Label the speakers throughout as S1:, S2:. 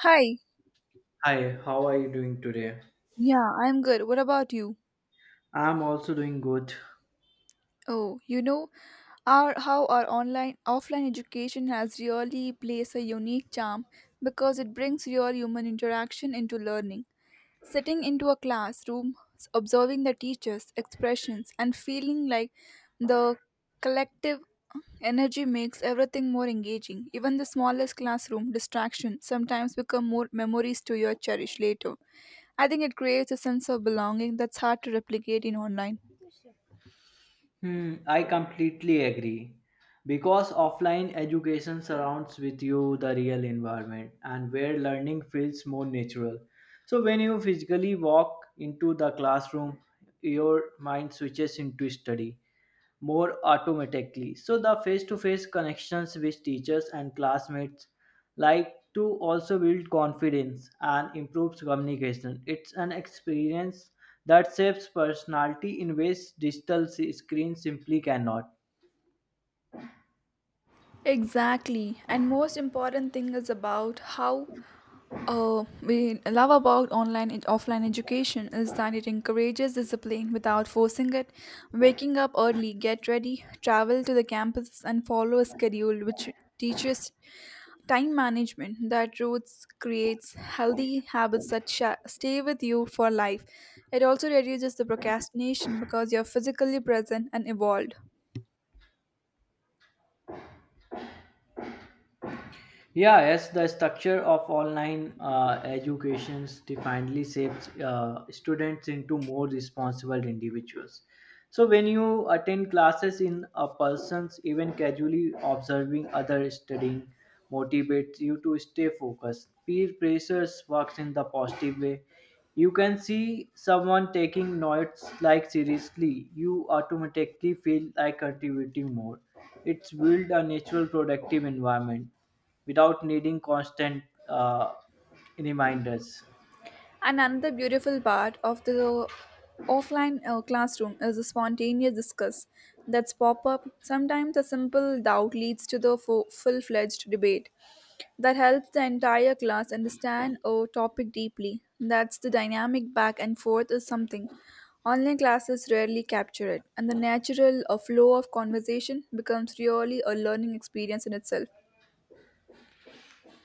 S1: Hi.
S2: Hi, how are you doing today?
S1: Yeah, I'm good. What about you?
S2: I'm also doing good.
S1: Oh, you know, our how our online offline education has really placed a unique charm because it brings real human interaction into learning. Sitting into a classroom, observing the teacher's expressions, and feeling like the collective energy makes everything more engaging. Even the smallest classroom distraction sometimes become more memories to your cherish later. I think it creates a sense of belonging that's hard to replicate in online.
S2: I completely agree. Because offline education surrounds with you the real environment and where learning feels more natural. So when you physically walk into the classroom, your mind switches into study more automatically. So the face-to-face connections with teachers and classmates like to also build confidence and improves communication. It's an experience that shapes personality in ways screens simply cannot.
S1: Exactly. And most important thing is about how we love about online and offline education is that it encourages discipline without forcing it. Waking up early, get ready, travel to the campus, and follow a schedule which teaches time management that roots creates healthy habits that sha stay with you for life. It also reduces the procrastination because you're physically present and evolved.
S2: Yeah, yes, the structure of online educations definitely shapes students into more responsible individuals. So when you attend classes in a person's, even casually observing other studying motivates you to stay focused. Peer pressures works in the positive way. You can see someone taking notes like seriously. You automatically feel like contributing more. It's build a natural productive environment without needing constant reminders.
S1: And another beautiful part of the offline classroom is the spontaneous discuss that's pop up. Sometimes a simple doubt leads to the full fledged debate that helps the entire class understand a topic deeply. That's the dynamic back and forth is something. Online classes rarely capture it, and the natural flow of conversation becomes really a learning experience in itself.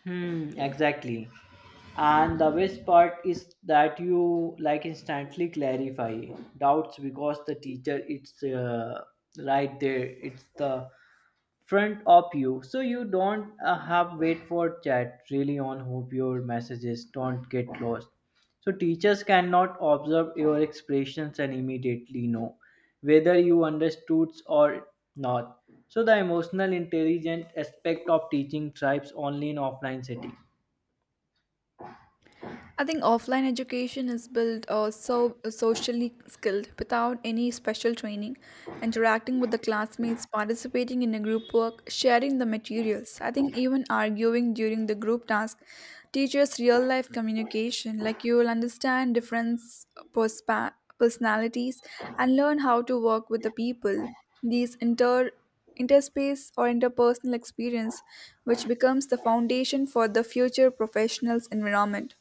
S2: Exactly. And the best part is that you like instantly clarify doubts because the teacher it's right there. It's the front of you so you don't have wait for chat really on hope your messages don't get lost so teachers cannot observe your expressions and immediately know whether you understood or not so the emotional intelligent aspect of teaching thrives only in offline setting.
S1: I think offline education is built so socially skilled without any special training, interacting with the classmates, participating in a group work, sharing the materials. I think even arguing during the group task teaches real life communication. Like you will understand different perspa- personalities and learn how to work with the people. These interspace or interpersonal experience, which becomes the foundation for the future professionals environment.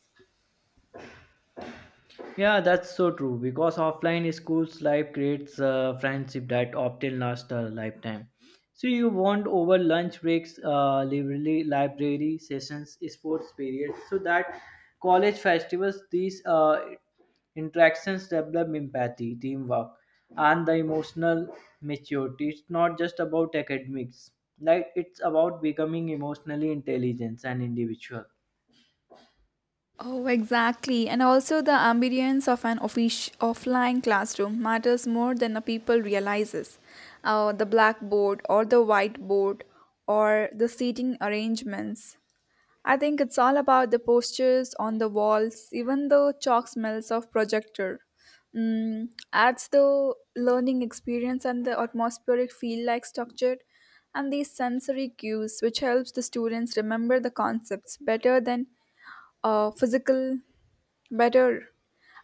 S2: Yeah, that's so true. Because offline schools life creates a friendship that often lasts a lifetime. So you want over lunch breaks, library sessions, sports periods, so that college festivals, these interactions develop empathy, teamwork, and the emotional maturity. It's not just about academics. Like it's about becoming emotionally intelligent and individual.
S1: Oh, exactly. And also the ambience of an offline classroom matters more than the people realizes. The blackboard or the whiteboard or the seating arrangements. I think it's all about the postures on the walls, even the chalk smells of projector. Adds the learning experience and the atmospheric feel like structure and these sensory cues which helps the students remember the concepts better than physical better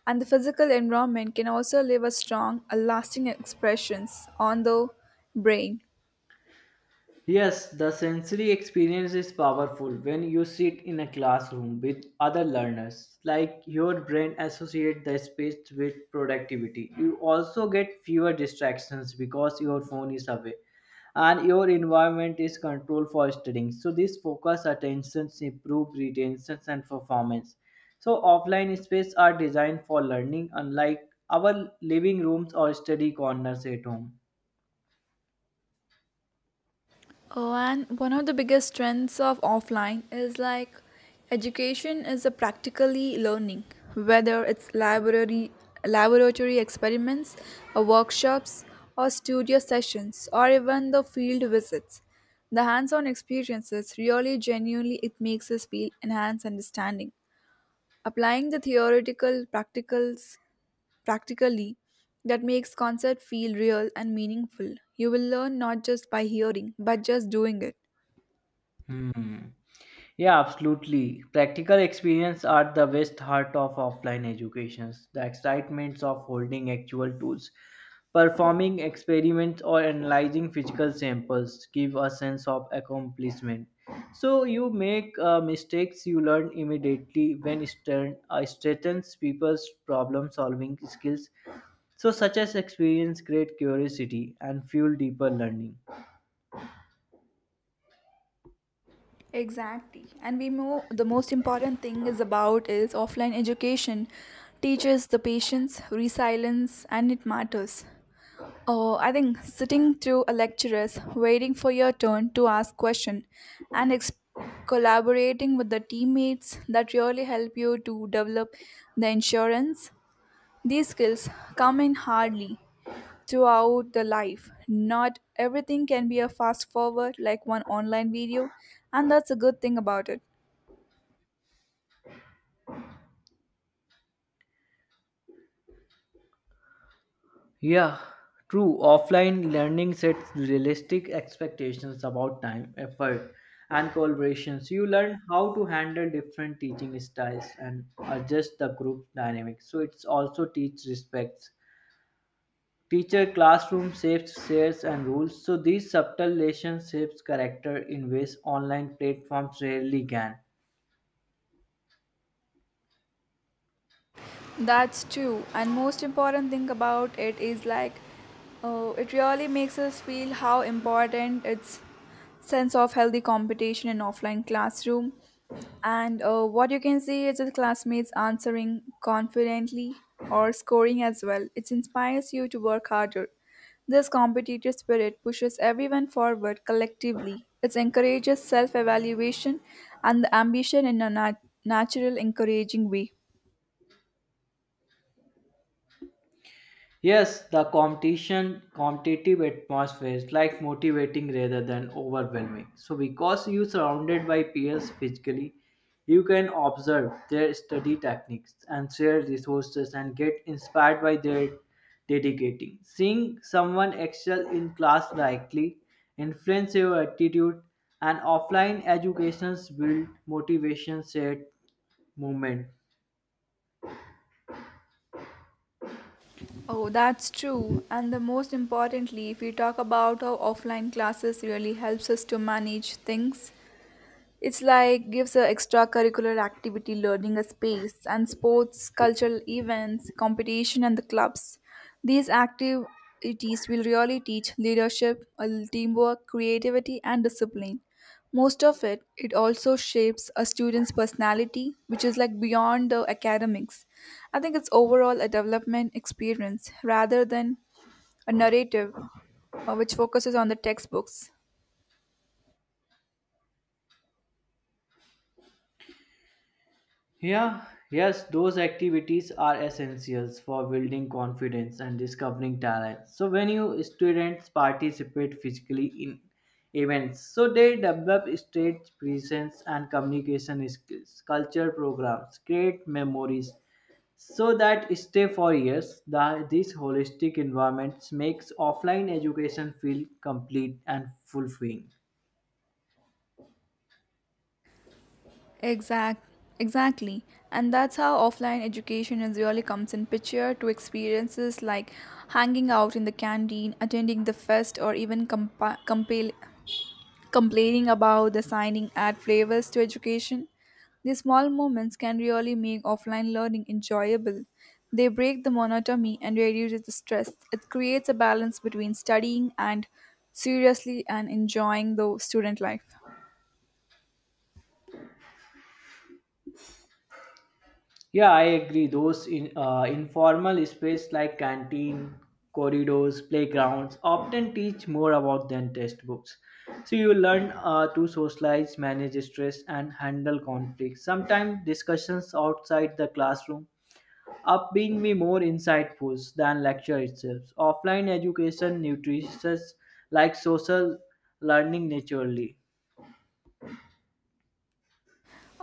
S1: and the physical environment can also leave a strong a lasting expressions on the brain.
S2: Yes, the sensory experience is powerful when you sit in a classroom with other learners. Like your brain associates the space with productivity. You also get fewer distractions because your phone is away and your environment is controlled for studying. So this focus attentions improve retentions and performance. So offline spaces are designed for learning unlike our living rooms or study corners at home.
S1: Oh, and one of the biggest strengths of offline is like education is a practically learning, whether it's library, laboratory experiments or workshops or studio sessions or even the field visits, the hands-on experiences really genuinely it makes us feel enhanced understanding, applying the theoretical practicals practically, that makes concert feel real and meaningful. You will learn not just by hearing but just doing it.
S2: Hmm. Yeah, absolutely. Practical experience are the best heart of offline educations. The excitements of holding actual tools, performing experiments, or analyzing physical samples give a sense of accomplishment. So you make mistakes, you learn immediately when strengthens people's problem-solving skills. So such as experience create curiosity and fuel deeper learning.
S1: Exactly. And we know the most important thing is about is offline education teaches the patience, resilience and it matters. Oh, I think sitting through a lecturers, waiting for your turn to ask question and collaborating with the teammates that really help you to develop the insurance. These skills come in hardly throughout the life. Not everything can be a fast forward like one online video, and that's a good thing about it.
S2: Yeah, true. Offline learning sets realistic expectations about time, effort, and collaborations. You learn how to handle different teaching styles and adjust the group dynamics. So it's also teach respects. Teacher classroom shapes shares and rules. So these subtle lessons shapes character in ways online platforms rarely can.
S1: That's true. And most important thing about it is like it really makes us feel how important its sense of healthy competition in offline classroom. And what you can see is the classmates answering confidently or scoring as well. It inspires you to work harder. This competitive spirit pushes everyone forward collectively. It encourages self evaluation and the ambition in a natural, encouraging way.
S2: Yes, the competitive atmosphere is like motivating rather than overwhelming. So, because you surrounded by peers physically, you can observe their study techniques and share resources and get inspired by their dedicating. Seeing someone excel in class likely influence your attitude, and offline educations build motivation, shared movement.
S1: Oh, that's true. And the most importantly, if we talk about how offline classes really helps us to manage things, it's like gives a extracurricular activity learning a space and sports, cultural events, competition and the clubs. These activities will really teach leadership, teamwork, creativity and discipline. Most of it, it also shapes a student's personality, which is like beyond the academics. I think it's overall a development experience rather than a narrative which focuses on the textbooks.
S2: Yeah, yes, those activities are essentials for building confidence and discovering talent. So when you students participate physically in events, so they develop stage presence and communication skills. Culture programs create memories so that stay for years. These holistic environments makes offline education feel complete and fulfilling.
S1: Exact, exactly. And that's how offline education is really comes in picture to experiences like hanging out in the canteen, attending the fest, or even complaining about the signing add flavors to education. These small moments can really make offline learning enjoyable. They break the monotony and reduce the stress. It creates a balance between studying and seriously and enjoying the student life.
S2: Yeah, I agree. Those informal space like canteen, corridors, playgrounds often teach more about than textbooks. So you learn to socialize, manage stress, and handle conflict. Sometimes discussions outside the classroom up being me more insightful than lecture itself. Offline education nutritious like social learning naturally.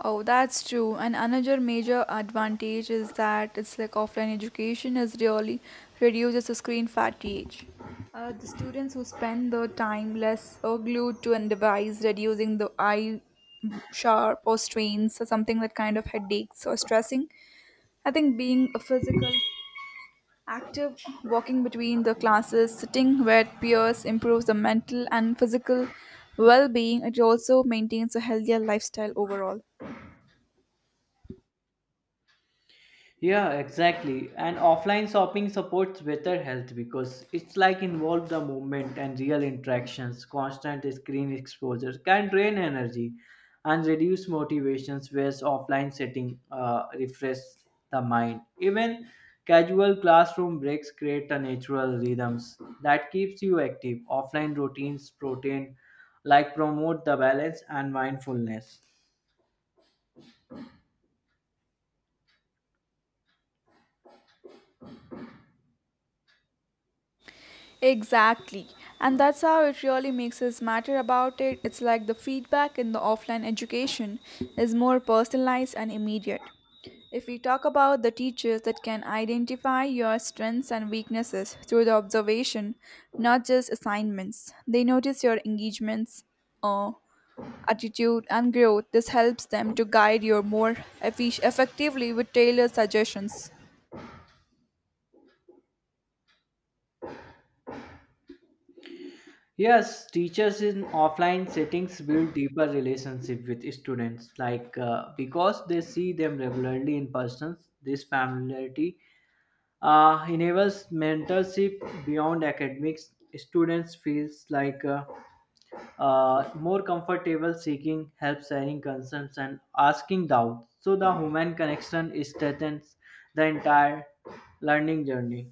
S1: Oh, that's true. And another major advantage is that it's like offline education is really reduces the screen fatigue. The students who spend their time less or glued to a device, reducing the eye sharp or strains or something that kind of headaches or stressing. I think being a physical active, walking between the classes, sitting with peers improves the mental and physical well-being. It also maintains a healthier lifestyle overall.
S2: Yeah, exactly. And offline shopping supports better health because it's like involve the movement and real interactions. Constant screen exposure can drain energy and reduce motivations, whereas offline setting refresh the mind. Even casual classroom breaks create a natural rhythms that keeps you active. Offline routines protein like promote the balance and mindfulness.
S1: Exactly. And that's how it really makes us matter about it. It's like the feedback in the offline education is more personalized and immediate. If we talk about the teachers that can identify your strengths and weaknesses through the observation, not just assignments, they notice your engagements, uh, attitude, and growth. This helps them to guide you more effectively with tailored suggestions.
S2: Yes, teachers in offline settings build deeper relationship with students, like because they see them regularly in person. This familiarity enables mentorship beyond academics. Students feels like more comfortable seeking help, sharing concerns, and asking doubts. So the human connection strengthens the entire learning journey.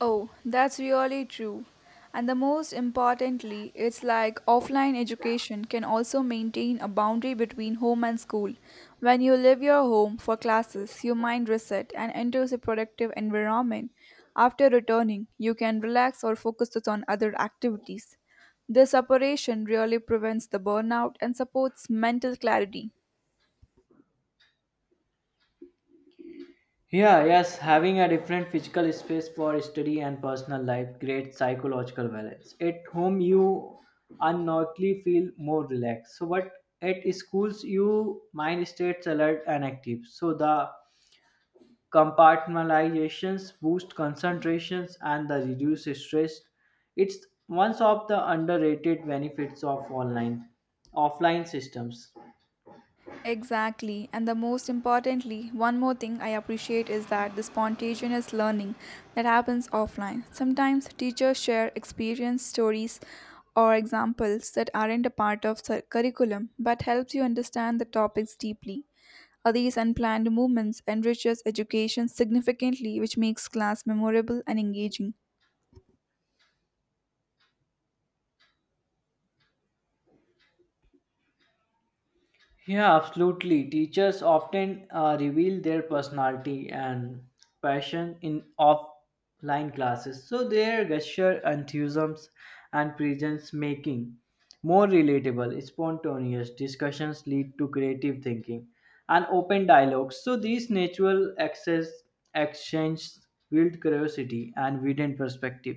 S1: Oh, that's really true. And the most importantly, it's like offline education can also maintain a boundary between home and school. When you leave your home for classes, your mind reset and enters a productive environment. After returning, you can relax or focus on other activities. This operation really prevents the burnout and supports mental clarity.
S2: Yeah, yes, having a different physical space for study and personal life creates psychological balance. At home, you unknowingly feel more relaxed. So, but at schools, you mind states alert and active. So, the compartmentalizations boost concentrations and the reduce stress. It's one of the underrated benefits of online offline systems.
S1: Exactly. And the most importantly, one more thing I appreciate is that the spontaneous learning that happens offline. Sometimes teachers share experience stories or examples that aren't a part of curriculum but helps you understand the topics deeply. These unplanned movements enriches education significantly which makes class memorable and engaging.
S2: Yeah, absolutely. Teachers often reveal their personality and passion in offline classes, so their gesture, enthusiasms, and presence making more relatable, spontaneous discussions lead to creative thinking and open dialogues. So these natural access exchanges build curiosity and widened perspective.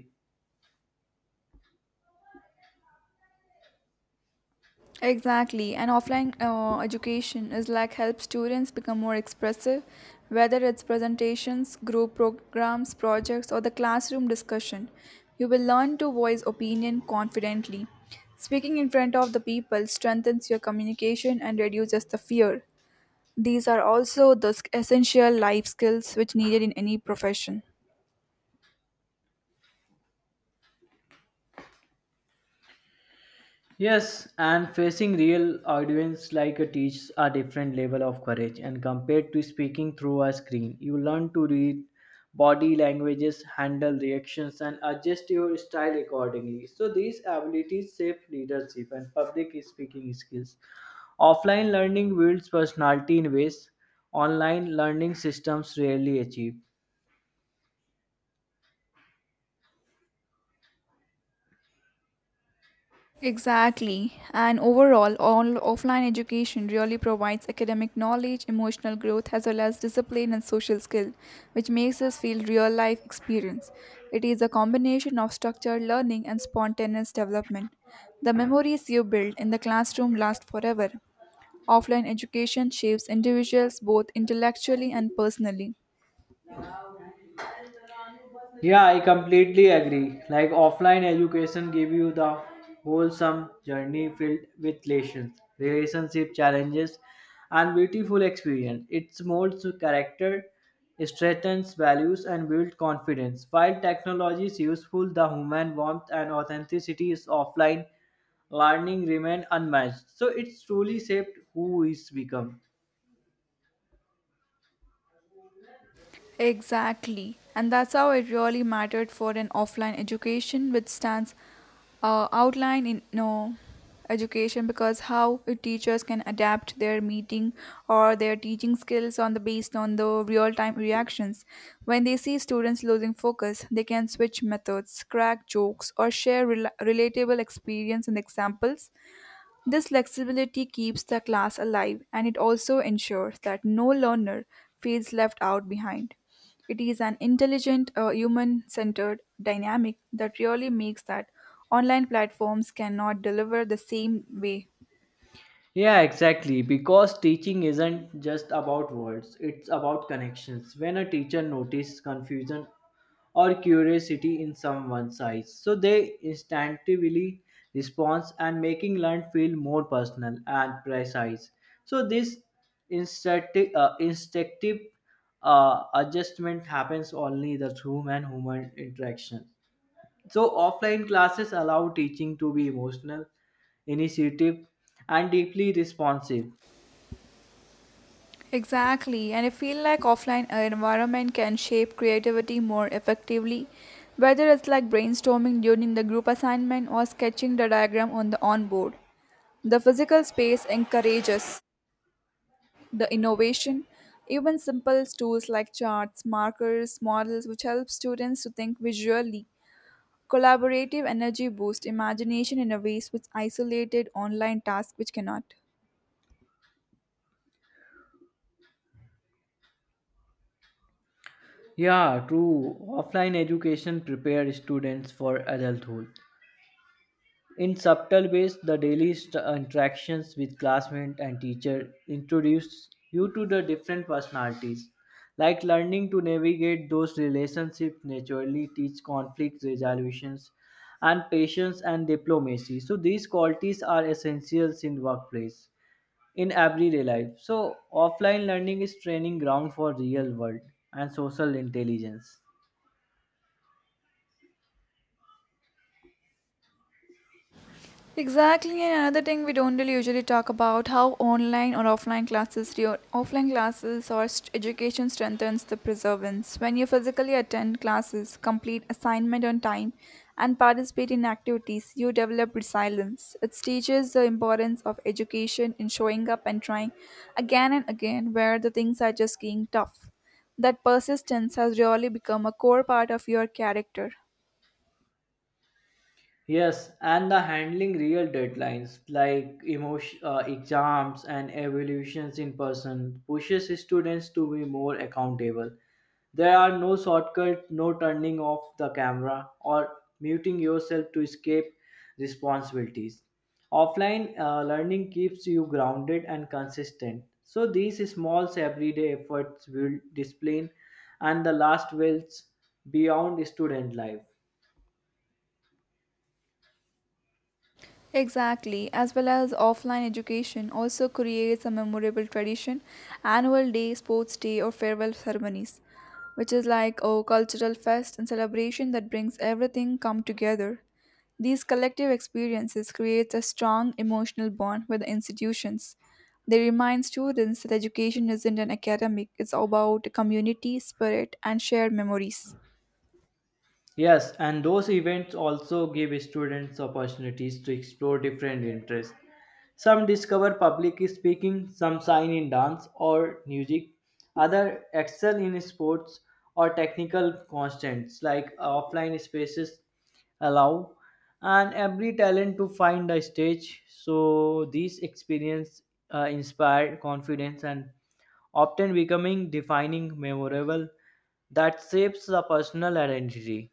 S1: Exactly, and offline education is like help students become more expressive, whether it's presentations, group programs, projects, or the classroom discussion. You will learn to voice opinion confidently. Speaking in front of the people strengthens your communication and reduces the fear. These are also the essential life skills which needed in any profession.
S2: Yes, and facing real audience like a teaches a different level of courage and compared to speaking through a screen. You learn to read body languages, handle reactions and adjust your style accordingly. So these abilities shape leadership and public speaking skills. Offline learning builds personality in ways online learning systems rarely achieve.
S1: Exactly. And overall, all offline education really provides academic knowledge, emotional growth, as well as discipline and social skill, which makes us feel real life experience. It is a combination of structured learning and spontaneous development. The memories you build in the classroom last forever. Offline education shapes individuals both intellectually and personally.
S2: Yeah, I completely agree. Like offline education give you the wholesome journey filled with lessons, relationship challenges, and beautiful experience. It molds character, strengthens values, and builds confidence. While technology is useful, the human warmth and authenticity is offline learning remain unmatched. So it's truly shaped who is become.
S1: Exactly. And that's how it really mattered for an offline education, which stands outline in no education because how teachers can adapt their meeting or their teaching skills on the based on the real time reactions. When they see students losing focus they can switch methods, crack jokes or share relatable experience and examples. This flexibility keeps the class alive and it also ensures that no learner feels left out behind. It is an intelligent, human centered dynamic that really makes that online platforms cannot deliver the same way.
S2: Yeah, exactly. Because teaching isn't just about words, it's about connections. When a teacher notices confusion or curiosity in someone's eyes, so they instinctively respond and making learn feel more personal and precise. So this instinctive adjustment happens only the through man human interaction. So, offline classes allow teaching to be emotional, initiative, and deeply responsive.
S1: Exactly, and I feel like offline environment can shape creativity more effectively, whether it's like brainstorming during the group assignment or sketching the diagram on the onboard. The physical space encourages the innovation, even simple tools like charts markers models which help students to think visually, collaborative energy boost imagination in a ways which isolated online tasks which cannot.
S2: Yeah, true. Offline education prepares students for adulthood. In subtle ways, the daily interactions with classmates and teacher introduce you to the different personalities. Like learning to navigate those relationships naturally teach conflict resolutions and patience and diplomacy. So these qualities are essentials in workplace. In everyday life. So offline learning is training ground for real world and social intelligence.
S1: Exactly, and another thing we don't really usually talk about how online or offline classes, your offline classes or education strengthens the perseverance. When you physically attend classes, complete assignment on time, and participate in activities, you develop resilience. It teaches the importance of education in showing up and trying again and again, where the things are just getting tough. That persistence has really become a core part of your character.
S2: Yes, and the handling real deadlines like emotion, exams and evaluations in person pushes students to be more accountable. There are no shortcuts, no turning off the camera or muting yourself to escape responsibilities. Offline learning keeps you grounded and consistent. So these small everyday efforts will discipline and the last wills beyond student life.
S1: Exactly, as well as offline education also creates a memorable tradition, annual day, sports day, or farewell ceremonies, which is like a cultural fest and celebration that brings everything come together. These collective experiences create a strong emotional bond with the institutions. They remind students that education isn't an academic, it's about community, spirit, and shared memories.
S2: Yes, and those events also give students opportunities to explore different interests. Some discover public speaking, some shine in dance or music, others excel in sports or technical constants like offline spaces allow, and every talent to find a stage. So these experience inspire confidence and often becoming defining memorable that shapes the personal identity.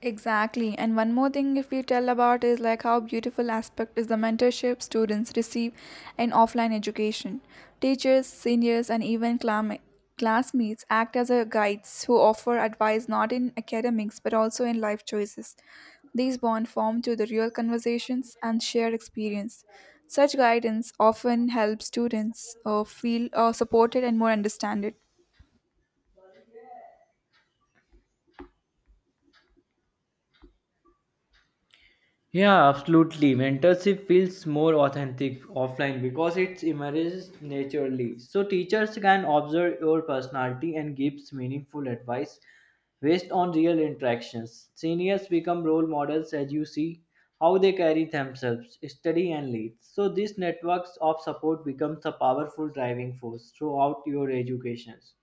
S1: Exactly. And one more thing if we tell about is like how beautiful aspect is the mentorship students receive in offline education. Teachers, seniors and even classmates act as a guides who offer advice not in academics but also in life choices. These bond form through the real conversations and shared experience. Such guidance often helps students feel supported and more understood.
S2: Yeah, absolutely. Mentorship feels more authentic offline because it emerges naturally. So teachers can observe your personality and gives meaningful advice based on real interactions. Seniors become role models as you see how they carry themselves, study and lead. So these networks of support becomes a powerful driving force throughout your educations.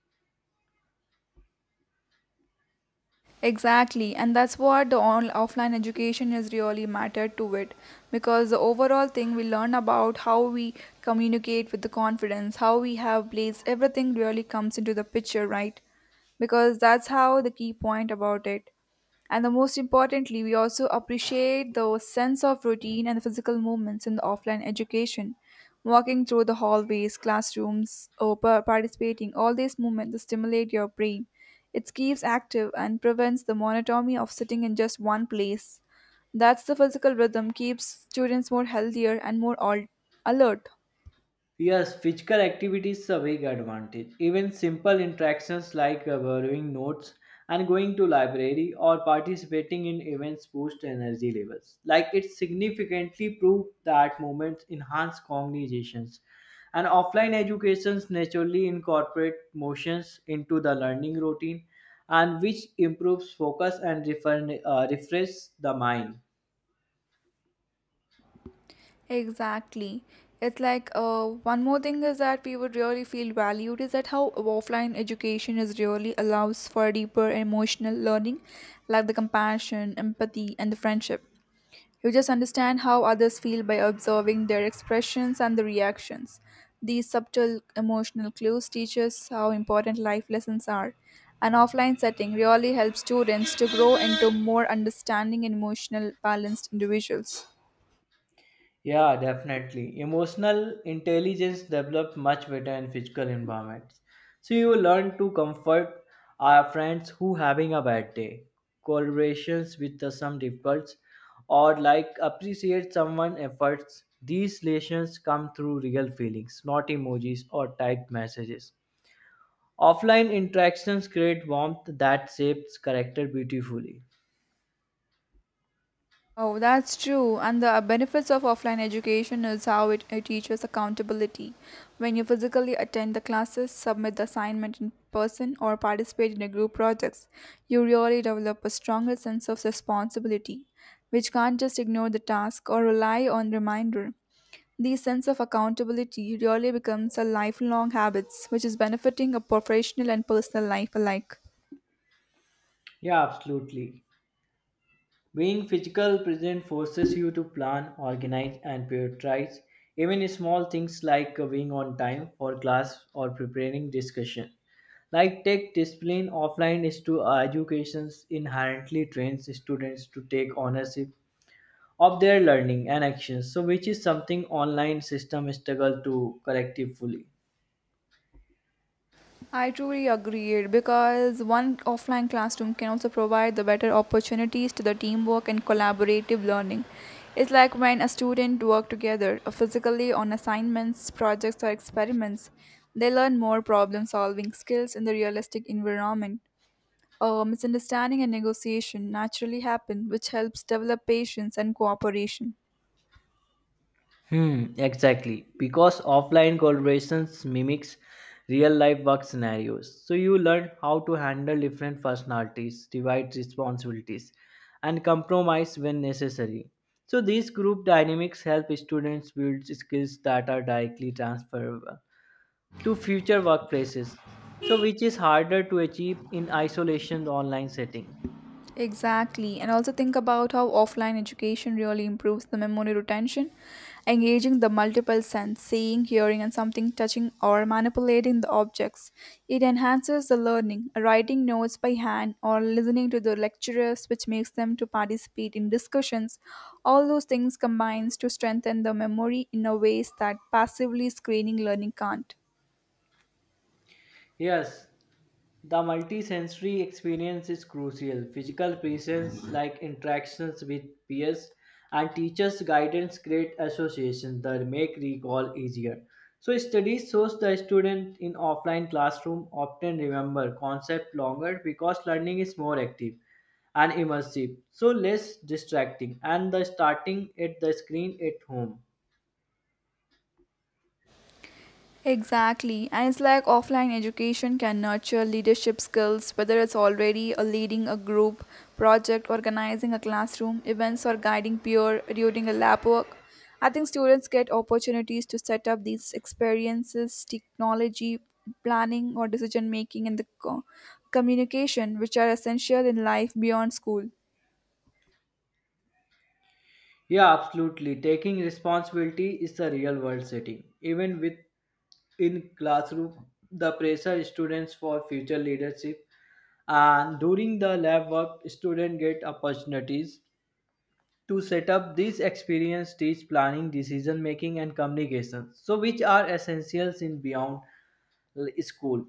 S1: Exactly, and that's what the offline education has really mattered to it because the overall thing we learn about how we communicate with the confidence, how we have plays, everything really comes into the picture, right? Because that's how the key point about it. And the most importantly, we also appreciate the sense of routine and the physical movements in the offline education. Walking through the hallways, classrooms, or participating, all these movements stimulate your brain. It keeps active and prevents the monotony of sitting in just one place. That's the physical rhythm keeps students more healthier and more alert.
S2: Yes, physical activity is a big advantage. Even simple interactions like borrowing notes and going to library or participating in events boost energy levels. Like it significantly prove that movements enhance cognitions. And offline educations naturally incorporate motions into the learning routine and which improves focus and refresh the mind.
S1: Exactly. It's like one more thing is that we would really feel valued is that how offline education is really allows for deeper emotional learning, like the compassion, empathy, and the friendship. You just understand how others feel by observing their expressions and the reactions. These subtle emotional clues teach us how important life lessons are. An offline setting really helps students to grow into more understanding and emotional balanced individuals.
S2: Yeah, definitely. Emotional intelligence develops much better in physical environments. So you learn to comfort our friends who having a bad day, collaborations with the some difficulties, or like appreciate someone efforts. These lessons come through real feelings, not emojis or typed messages. Offline interactions create warmth that shapes character beautifully.
S1: Oh, that's true. And the benefits of offline education is how it teaches accountability. When you physically attend the classes, submit the assignment in person, or participate in a group projects, you really develop a stronger sense of responsibility, which can't just ignore the task or rely on reminder. This sense of accountability really becomes a lifelong habits, which is benefiting a professional and personal life alike.
S2: Yeah, absolutely. Being physical present forces you to plan, organize, and prioritize even small things like being on time for class or preparing discussion. Like tech discipline offline is to educations inherently trains students to take ownership of their learning and actions, so which is something online system struggle to corrective fully.
S1: I truly agreed because one offline classroom can also provide the better opportunities to the teamwork and collaborative learning. It's like when a student work together physically on assignments, projects or experiments, they learn more problem solving skills in the realistic environment. Misunderstanding and negotiation naturally happen, which helps develop patience and cooperation.
S2: Hmm, exactly. Because offline collaborations mimics real life work scenarios. So you learn how to handle different personalities, divide responsibilities, and compromise when necessary. So these group dynamics help students build skills that are directly transferable to future workplaces. So which is harder to achieve in isolation online setting.
S1: Exactly, and also think about how offline education really improves the memory retention. Engaging the multiple sense, seeing, hearing, and something touching or manipulating the objects. It enhances the learning, writing notes by hand or listening to the lecturers, which makes them to participate in discussions. All those things combines to strengthen the memory in a ways that passively screening learning can't.
S2: Yes, the multisensory experience is crucial. Physical presence, like interactions with peers and teachers' guidance, create associations that make recall easier. So, studies shows the student in offline classroom often remember concept longer because learning is more active and immersive, so less distracting, and the starting at the screen at home.
S1: Exactly. And it's like offline education can nurture leadership skills, whether it's already a leading a group, project, organizing a classroom, events, or guiding peer during a lab work. I think students get opportunities to set up these experiences, technology, planning, or decision making, and the communication, which are essential in life beyond school.
S2: Yeah, absolutely. Taking responsibility is the real world setting. Even with in classroom the pressure students for future leadership and during the lab work students get opportunities to set up these experience teach planning decision making and communication so which are essentials in beyond school.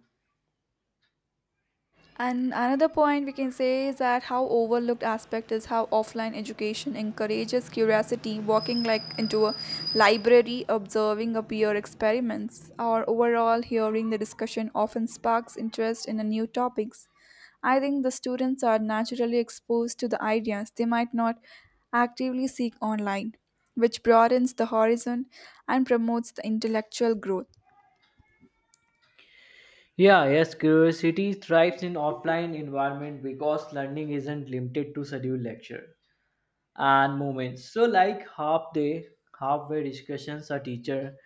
S1: And another point we can say is that how overlooked aspect is how offline education encourages curiosity, walking like into a library, observing a peer experiments, or overall hearing the discussion often sparks interest in a new topics. I think the students are naturally exposed to the ideas they might not actively seek online, which broadens the horizon and promotes the intellectual growth.
S2: Yeah yes curiosity thrives in offline environment because learning isn't limited to scheduled lecture and moments. So like half day, halfway discussions, a teacher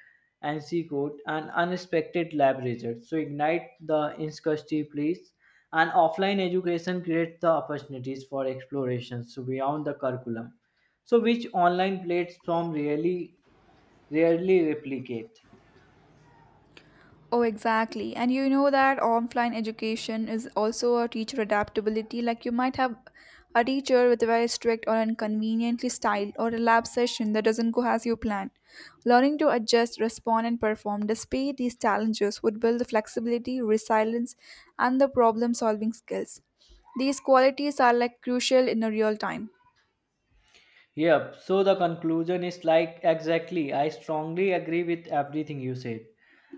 S2: and she quote an unexpected lab result. So ignite the insecurity, please. And offline education creates the opportunities for explorations so beyond the curriculum. So which online platform really rarely replicate.
S1: Oh, exactly. And you know that offline education is also a teacher adaptability. Like you might have a teacher with a very strict or inconveniently styled or a lab session that doesn't go as you plan. Learning to adjust, respond, and perform despite these challenges would build the flexibility, resilience, and the problem solving skills. These qualities are like crucial in a real time.
S2: Yep, so the conclusion is like exactly. I strongly agree with everything you said.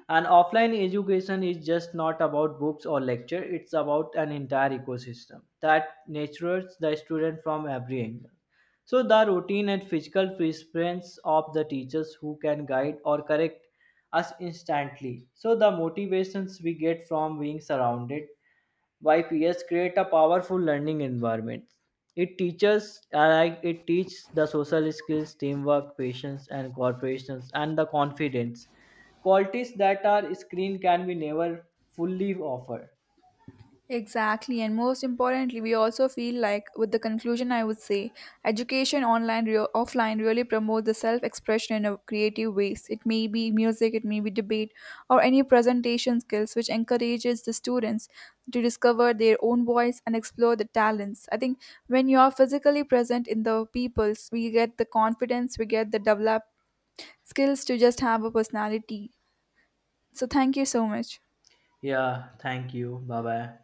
S2: And offline education is just not about books or lecture, it's about an entire ecosystem that nurtures the student from every angle. So the routine and physical presence of the teachers who can guide or correct us instantly. So the motivations we get from being surrounded YPS create a powerful learning environment. It teaches like it teaches the social skills, teamwork, patience, and cooperation, and the confidence qualities that are screen can be never fully offer.
S1: Exactly, and most importantly, we also feel like, with the conclusion, I would say, education online, offline really promotes the self expression in a creative ways. It may be music, it may be debate, or any presentation skills, which encourages the students to discover their own voice and explore the talents. I think when you are physically present in the peoples, we get the confidence, we get the developed skills to just have a personality. So, thank you so much.
S2: Yeah, thank you. Bye bye.